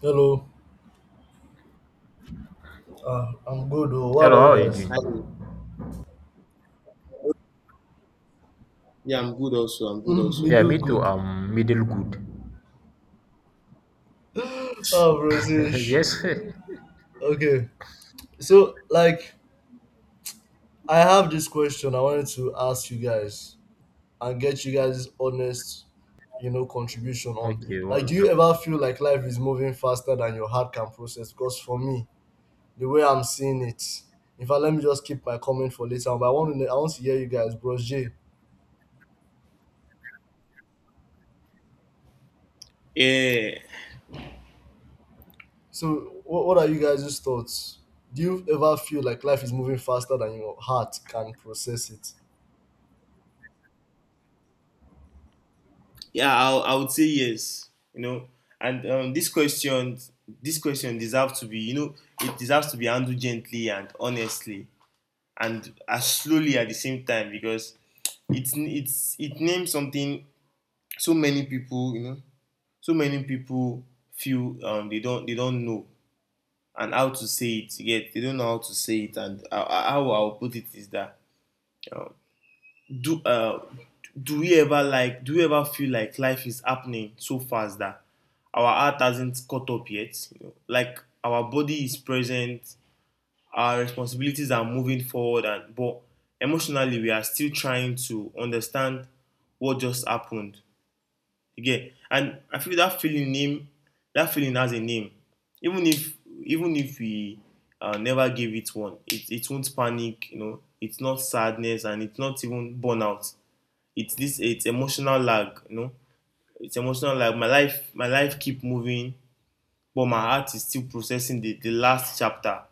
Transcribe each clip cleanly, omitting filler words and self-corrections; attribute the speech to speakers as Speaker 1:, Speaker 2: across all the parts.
Speaker 1: Hello, I'm good. Oh. What
Speaker 2: Hello,
Speaker 1: about you
Speaker 2: how are you
Speaker 1: guys?
Speaker 2: doing?
Speaker 3: Hi. Yeah, I'm good also. I'm good
Speaker 1: Mm, me
Speaker 3: also.
Speaker 2: Yeah,
Speaker 1: do
Speaker 2: me too.
Speaker 1: good.
Speaker 2: Middle good.
Speaker 1: Oh, Rosish.
Speaker 2: Yes.
Speaker 1: Okay, so I have this question I wanted to ask you guys and get you guys honest, you know, contribution on.
Speaker 2: Okay,
Speaker 1: Like, do
Speaker 2: what's
Speaker 1: you ever
Speaker 2: up?
Speaker 1: feel like life is moving faster than your heart can process? Because for me, the way I'm seeing it, in fact, let me just keep my comment for later. But I want to hear you guys, Bros J.
Speaker 3: Yeah,
Speaker 1: So, what are you guys' thoughts? Do you ever feel like life is moving faster than your heart can process it?
Speaker 3: I would say yes. You know, and this question deserves to be, you know, it deserves to be handled gently and honestly, and as slowly at the same time because it names something so many people, you know, so many people feel. They don't know and how to say it yet. They don't know how to say it, and how I'll put it is that. um, do uh, do we ever, like, do we ever feel like life is happening so fast that our heart hasn't caught up yet? You know, like, our body is present, our responsibilities are moving forward, and but emotionally we are still trying to understand what just happened again. And I feel that feeling has a name. Even if, even if we never gave it one, it won't panic, you know. It's not sadness, and it's not even burnout. It's emotional lag, you know, it's emotional lag. My life keep moving, but my heart is still processing the last chapter.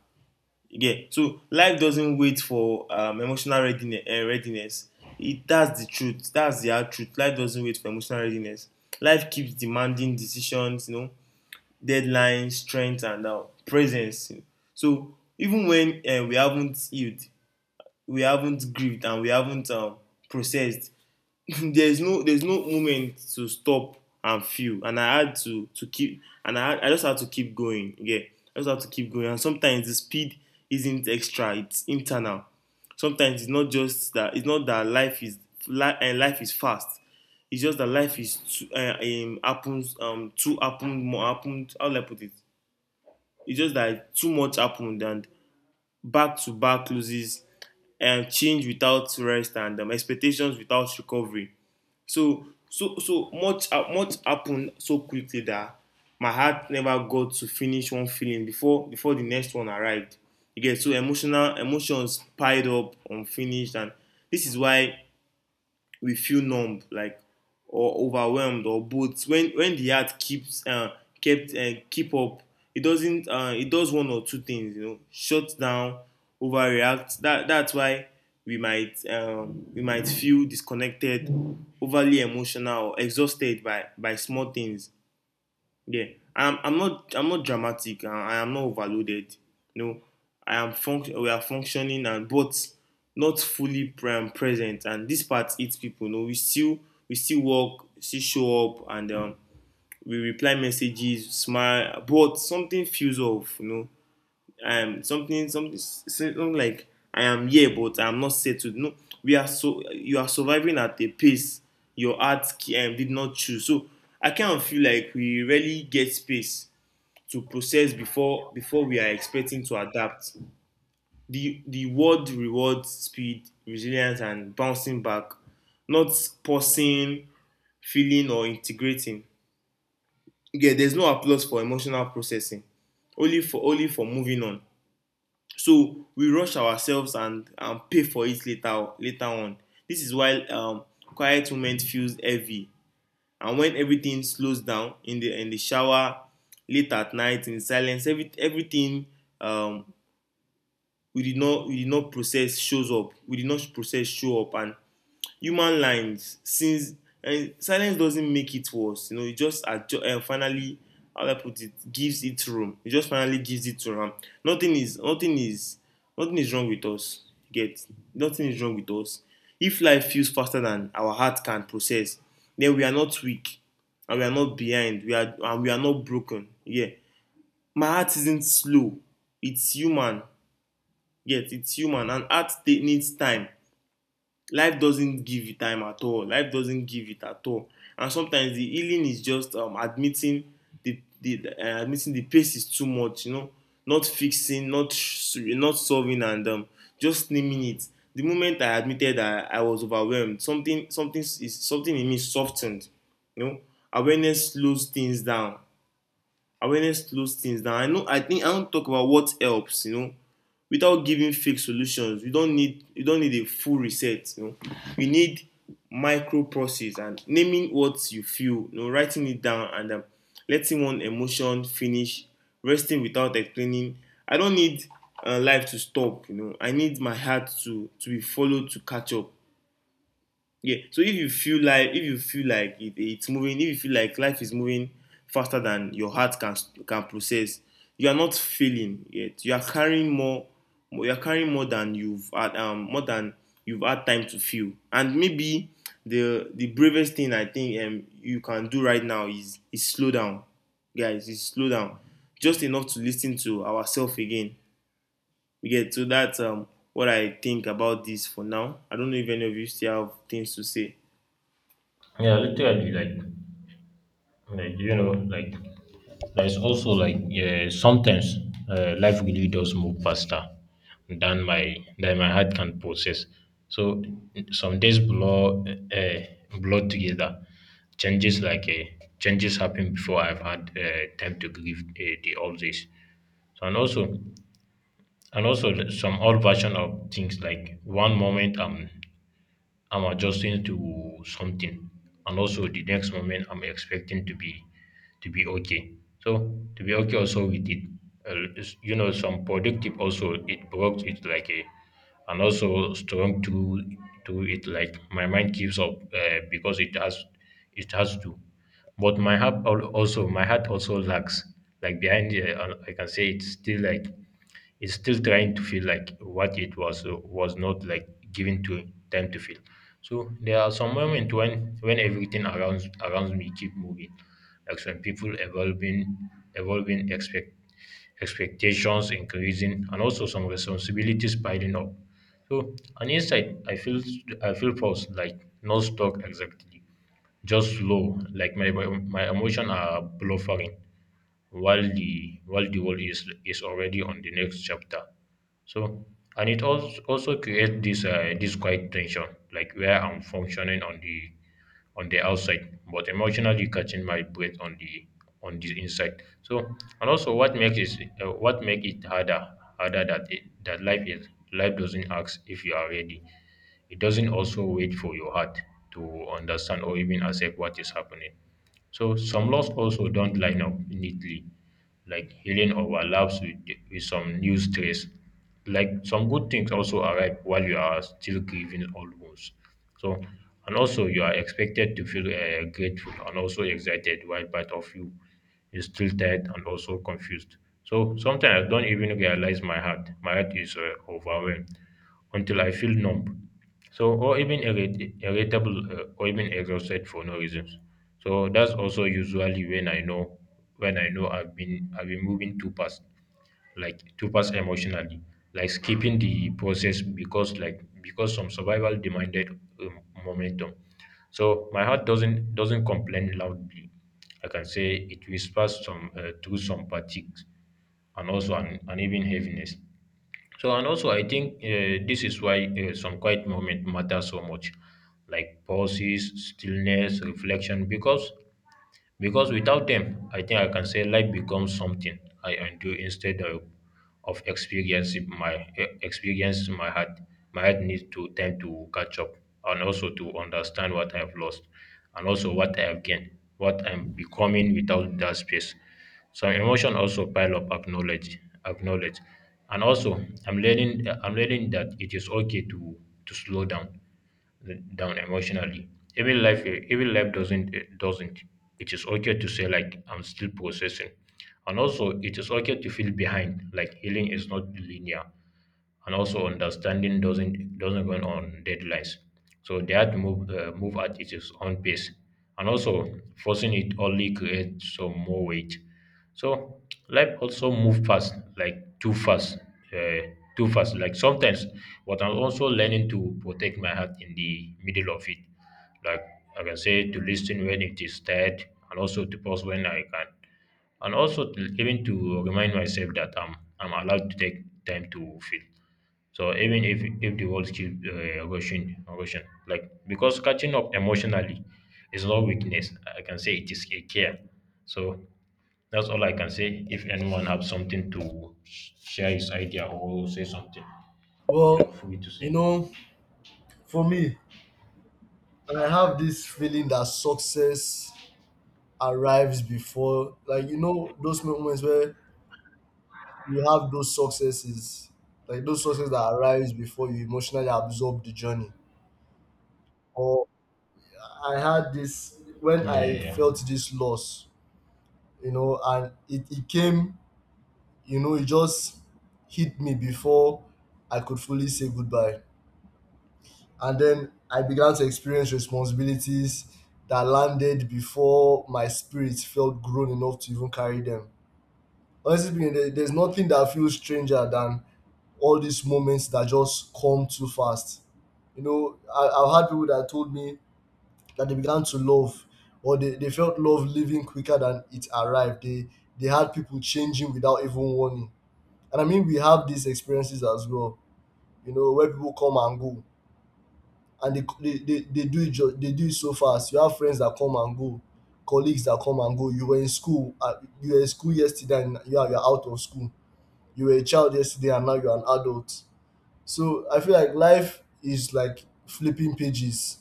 Speaker 3: Yeah, so life doesn't wait for emotional readiness, readiness. It that's the truth that's the hard truth. Life doesn't wait for emotional readiness. Life keeps demanding decisions, you know, deadlines, strength, and presence. So even when, we haven't healed, we haven't grieved, and we haven't processed, there's no moment to stop and feel. And I had to keep and I just had to keep going. Yeah, I just had to keep going. And sometimes the speed isn't extra, it's internal. Sometimes it's not just that, it's not that life is, life is fast. It's just that life is too, happens too happened more happened how do I put it it's just that too much happened. And back to back loses, and change without rest, and expectations without recovery. So so much happened so quickly that my heart never got to finish one feeling before the next one arrived. You get so emotional, emotions piled up unfinished. And this is why we feel numb, like, or overwhelmed, or both. When the heart keeps kept and keep up, it doesn't. It does one or two things. You know, shuts down, overreacts. That's why we might, we might feel disconnected, overly emotional, or exhausted by small things. Yeah, I'm. I'm not. I'm not dramatic. I am not overloaded. No, I am. We are functioning, and but not fully present. And this part eats people. No, we still, we still work, still show up, and, we reply messages, smile. But something feels off. You know, something like, I am here but I am not settled. No, we are so, you are surviving at a pace your heart, did not choose. So I kind of feel like we really get space to process before we are expecting to adapt. The word rewards speed, resilience, and bouncing back, not pausing, feeling, or integrating. Yeah, there's no applause for emotional processing, only for, only for moving on. So we rush ourselves and pay for it later, later on. This is why, quiet moment feels heavy. And when everything slows down, in the, in the shower, late at night, in silence, every, everything, um, we did not process shows up. We did not process show up. And human lines since, and silence doesn't make it worse, you know, it just adju- finally how do I put it gives it room it just finally gives it room. Nothing is nothing is wrong with us. Get Nothing is wrong with us. If life feels faster than our heart can process, then we are not weak, and we are not behind, we are not broken. Yeah, my heart isn't slow, it's human. Yes, it's human, and heart needs time. Life doesn't give you time at all, life doesn't give it at all. And sometimes the healing is just, admitting the admitting the pace is too much, you know, not fixing, not not solving, and, just naming it. The moment I admitted that I was overwhelmed, something in me softened, you know. Awareness slows things down. Awareness slows things down. I know, I think I wan talk about what helps, you know, without giving fake solutions. You don't need a full reset, you know. You need micro process and naming what you feel, you know, writing it down, and, letting one emotion finish, resting without explaining. I don't need, life to stop, you know. I need my heart to be followed, to catch up. Yeah. So if you feel like, if you feel like it, it's moving, if you feel like life is moving faster than your heart can process, you are not failing yet. You are carrying more. You are carrying more than you've had, more than you've had time to feel. And maybe the bravest thing, I think, you can do right now is slow down, guys. Is slow down just enough to listen to ourselves again. We get so, that's what I think about this for now. I don't know if any of you still have things to say.
Speaker 2: Yeah, literally, like, there's also like, yeah, sometimes life really does move faster than my heart can process. So some days blow together. Changes like uh, Changes happen before I've had time to grieve the all this. So, and also some old version of things, like one moment I'm adjusting to something, and also the next moment I'm expecting to be okay, so to be okay also with it, you know, some productive, also it works it like a, and also strong to it, like my mind keeps up because it has to, but my heart also lags like behind. I can say it's still like is still trying to feel like what it was, was not like given to time to feel. So there are some moments when everything around me keep moving, like some people evolving, evolving expect expectations increasing, and also some responsibilities piling up. So on inside, I feel paused, like not stuck exactly, just slow, like my emotions are bluffering while the world is already on the next chapter. So, and it also also creates this, this quiet tension, like where I'm functioning on the, on the outside, but emotionally catching my breath on the, on the inside. So, and also what makes it, what make it harder harder, that it, that life is, life doesn't ask if you are ready. It doesn't also wait for your heart to understand or even accept what is happening. So some laws also don't line up neatly, like healing overlaps with some new stress. Like some good things also arrive while you are still grieving old wounds. So, and also you are expected to feel grateful and also excited while part of you is still tired and also confused. So sometimes I don't even realize my heart. My heart is overwhelmed until I feel numb. So, or even irritable, or even exhausted for no reason. So that's also usually when I know, when I know I've been moving too fast, like too fast emotionally, like skipping the process because, like because some survival demanded um, momentum. So my heart doesn't complain loudly. I can say it whispers some, through some fatigue and also an even heaviness. So and also I think, this is why, some quiet moment matter so much, like pauses, stillness, reflection, because without them, I think I can say life becomes something I endure instead of experiencing my, experience my heart. My heart needs to tend to catch up and also to understand what I have lost and also what I have gained, what I'm becoming without that space. Some emotion also pile up, acknowledge. And also I'm learning that it is okay to slow down down emotionally, even life, even life doesn't, doesn't. It is okay to say like I'm still processing, and also it is okay to feel behind, like healing is not linear, and also understanding doesn't run on deadlines. So they had to move at its own pace, and also forcing it only creates some more weight. So life also move fast, like too fast, uh, too fast. Like sometimes, but I'm also learning to protect my heart in the middle of it. Like, I can say to listen when it is tired, and also to pause when I can, and also to, even to remind myself that I'm allowed to take time to feel. So even if the world keeps rushing, like, because catching up emotionally is not weakness. I can say it is a care. So that's all I can say. If anyone have something to share his idea or say something, feel
Speaker 1: Well,
Speaker 2: free to
Speaker 1: you
Speaker 2: say.
Speaker 1: know, for me, I have this feeling that success arrives before, like, you know, those moments where you have those successes, like those success that arrives before you emotionally absorb the journey. Or I had this when
Speaker 2: Yeah, yeah,
Speaker 1: I
Speaker 2: yeah.
Speaker 1: felt this loss, you know, and it came, you know, it just hit me before I could fully say goodbye. And then I began to experience responsibilities that landed before my spirit felt grown enough to even carry them. Honestly speaking, there's nothing that feels stranger than all these moments that just come too fast. You know, I've had people that told me that they began to love, or they felt love leaving quicker than it arrived. They had people changing without even warning. And I mean, we have these experiences as well, you know, where people come and go, and they do it they do it so fast. You have friends that come and go, colleagues that come and go. You were in school, you were in school yesterday, and you're out of school. You were a child yesterday, and now you're an adult. So I feel like life is like flipping pages,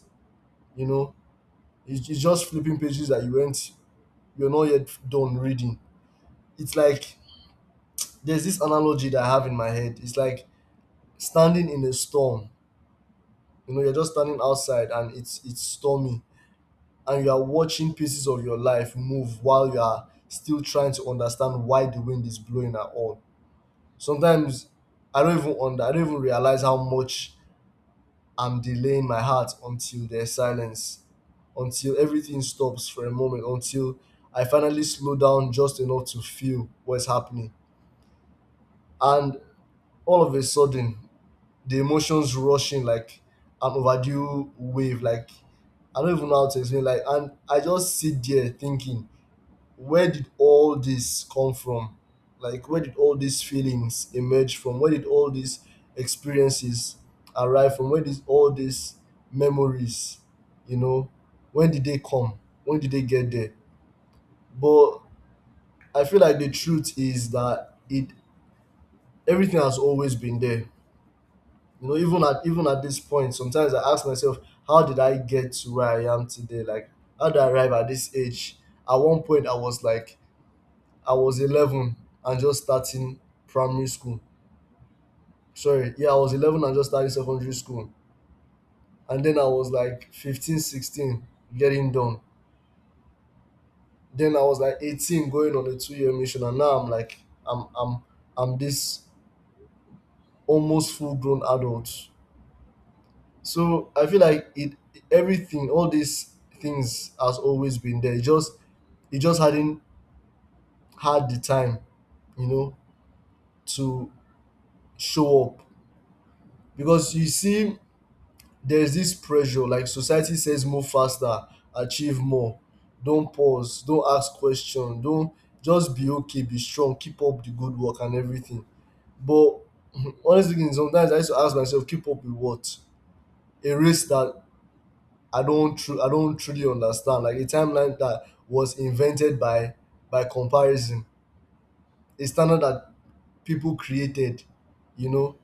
Speaker 1: you know. It's just flipping pages that you went, you're not yet done reading. It's like there's this analogy that I have in my head. It's like standing in a storm. You know, you're just standing outside and it's stormy, and you are watching pieces of your life move while you are still trying to understand why the wind is blowing at all. Sometimes I don't even realize how much I'm delaying my heart until there's silence, until everything stops for a moment, until I finally slow down just enough to feel what's happening. And all of a sudden, the emotions rushing like an overdue wave. Like I don't even know how to explain. Like, and I just sit there thinking, where did all this come from? Like, where did all these feelings emerge from? Where did all these experiences arrive from? Where did all these memories, you know, when did they come? When did they get there? But I feel like the truth is that it everything has always been there. You know, even at this point sometimes I ask myself, how did I get to where I am today? Like, how did I arrive at this age? At one point I was like, I was 11 and just starting primary school. Sorry, yeah, I was 11 and just starting secondary school. And then I was like 15, 16, getting done. Then I was like 18 going on a two-year mission. And now I'm like, i'm i'm I'm this almost full-grown adult. So I feel like it everything, all these things has always been there. It just hadn't had the time, you know, to show up. Because you see, there's this pressure, like society says move faster, achieve more, don't pause, don't ask questions, don't, just be okay, be strong, keep up the good work and everything. But honestly, sometimes I used to ask myself, keep up with what? A race that I don't truly understand. Like a timeline that was invented by comparison, a standard that people created, you know,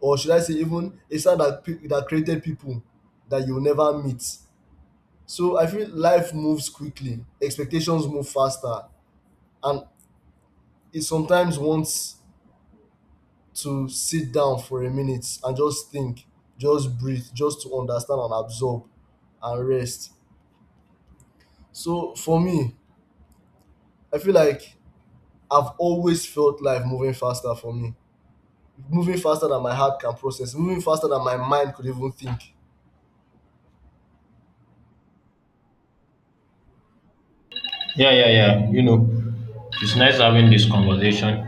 Speaker 1: or should I say even a standard that that created people that you'll never meet. So I feel life moves quickly, expectations move faster, and it sometimes wants to sit down for a minute and just think, just breathe, just to understand and absorb and rest. So for me, I feel like I've always felt life moving faster for me, moving faster than my heart can process, moving faster than my mind could even think.
Speaker 2: Yeah, yeah, yeah. You know, it's nice having this conversation.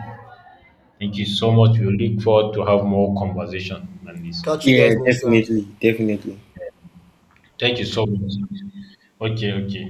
Speaker 2: Thank you so much. We look forward to have more conversation on this.
Speaker 1: Catch you guys
Speaker 3: Yeah,
Speaker 1: next time.
Speaker 3: definitely, definitely.
Speaker 2: Thank you so much. Okay, okay.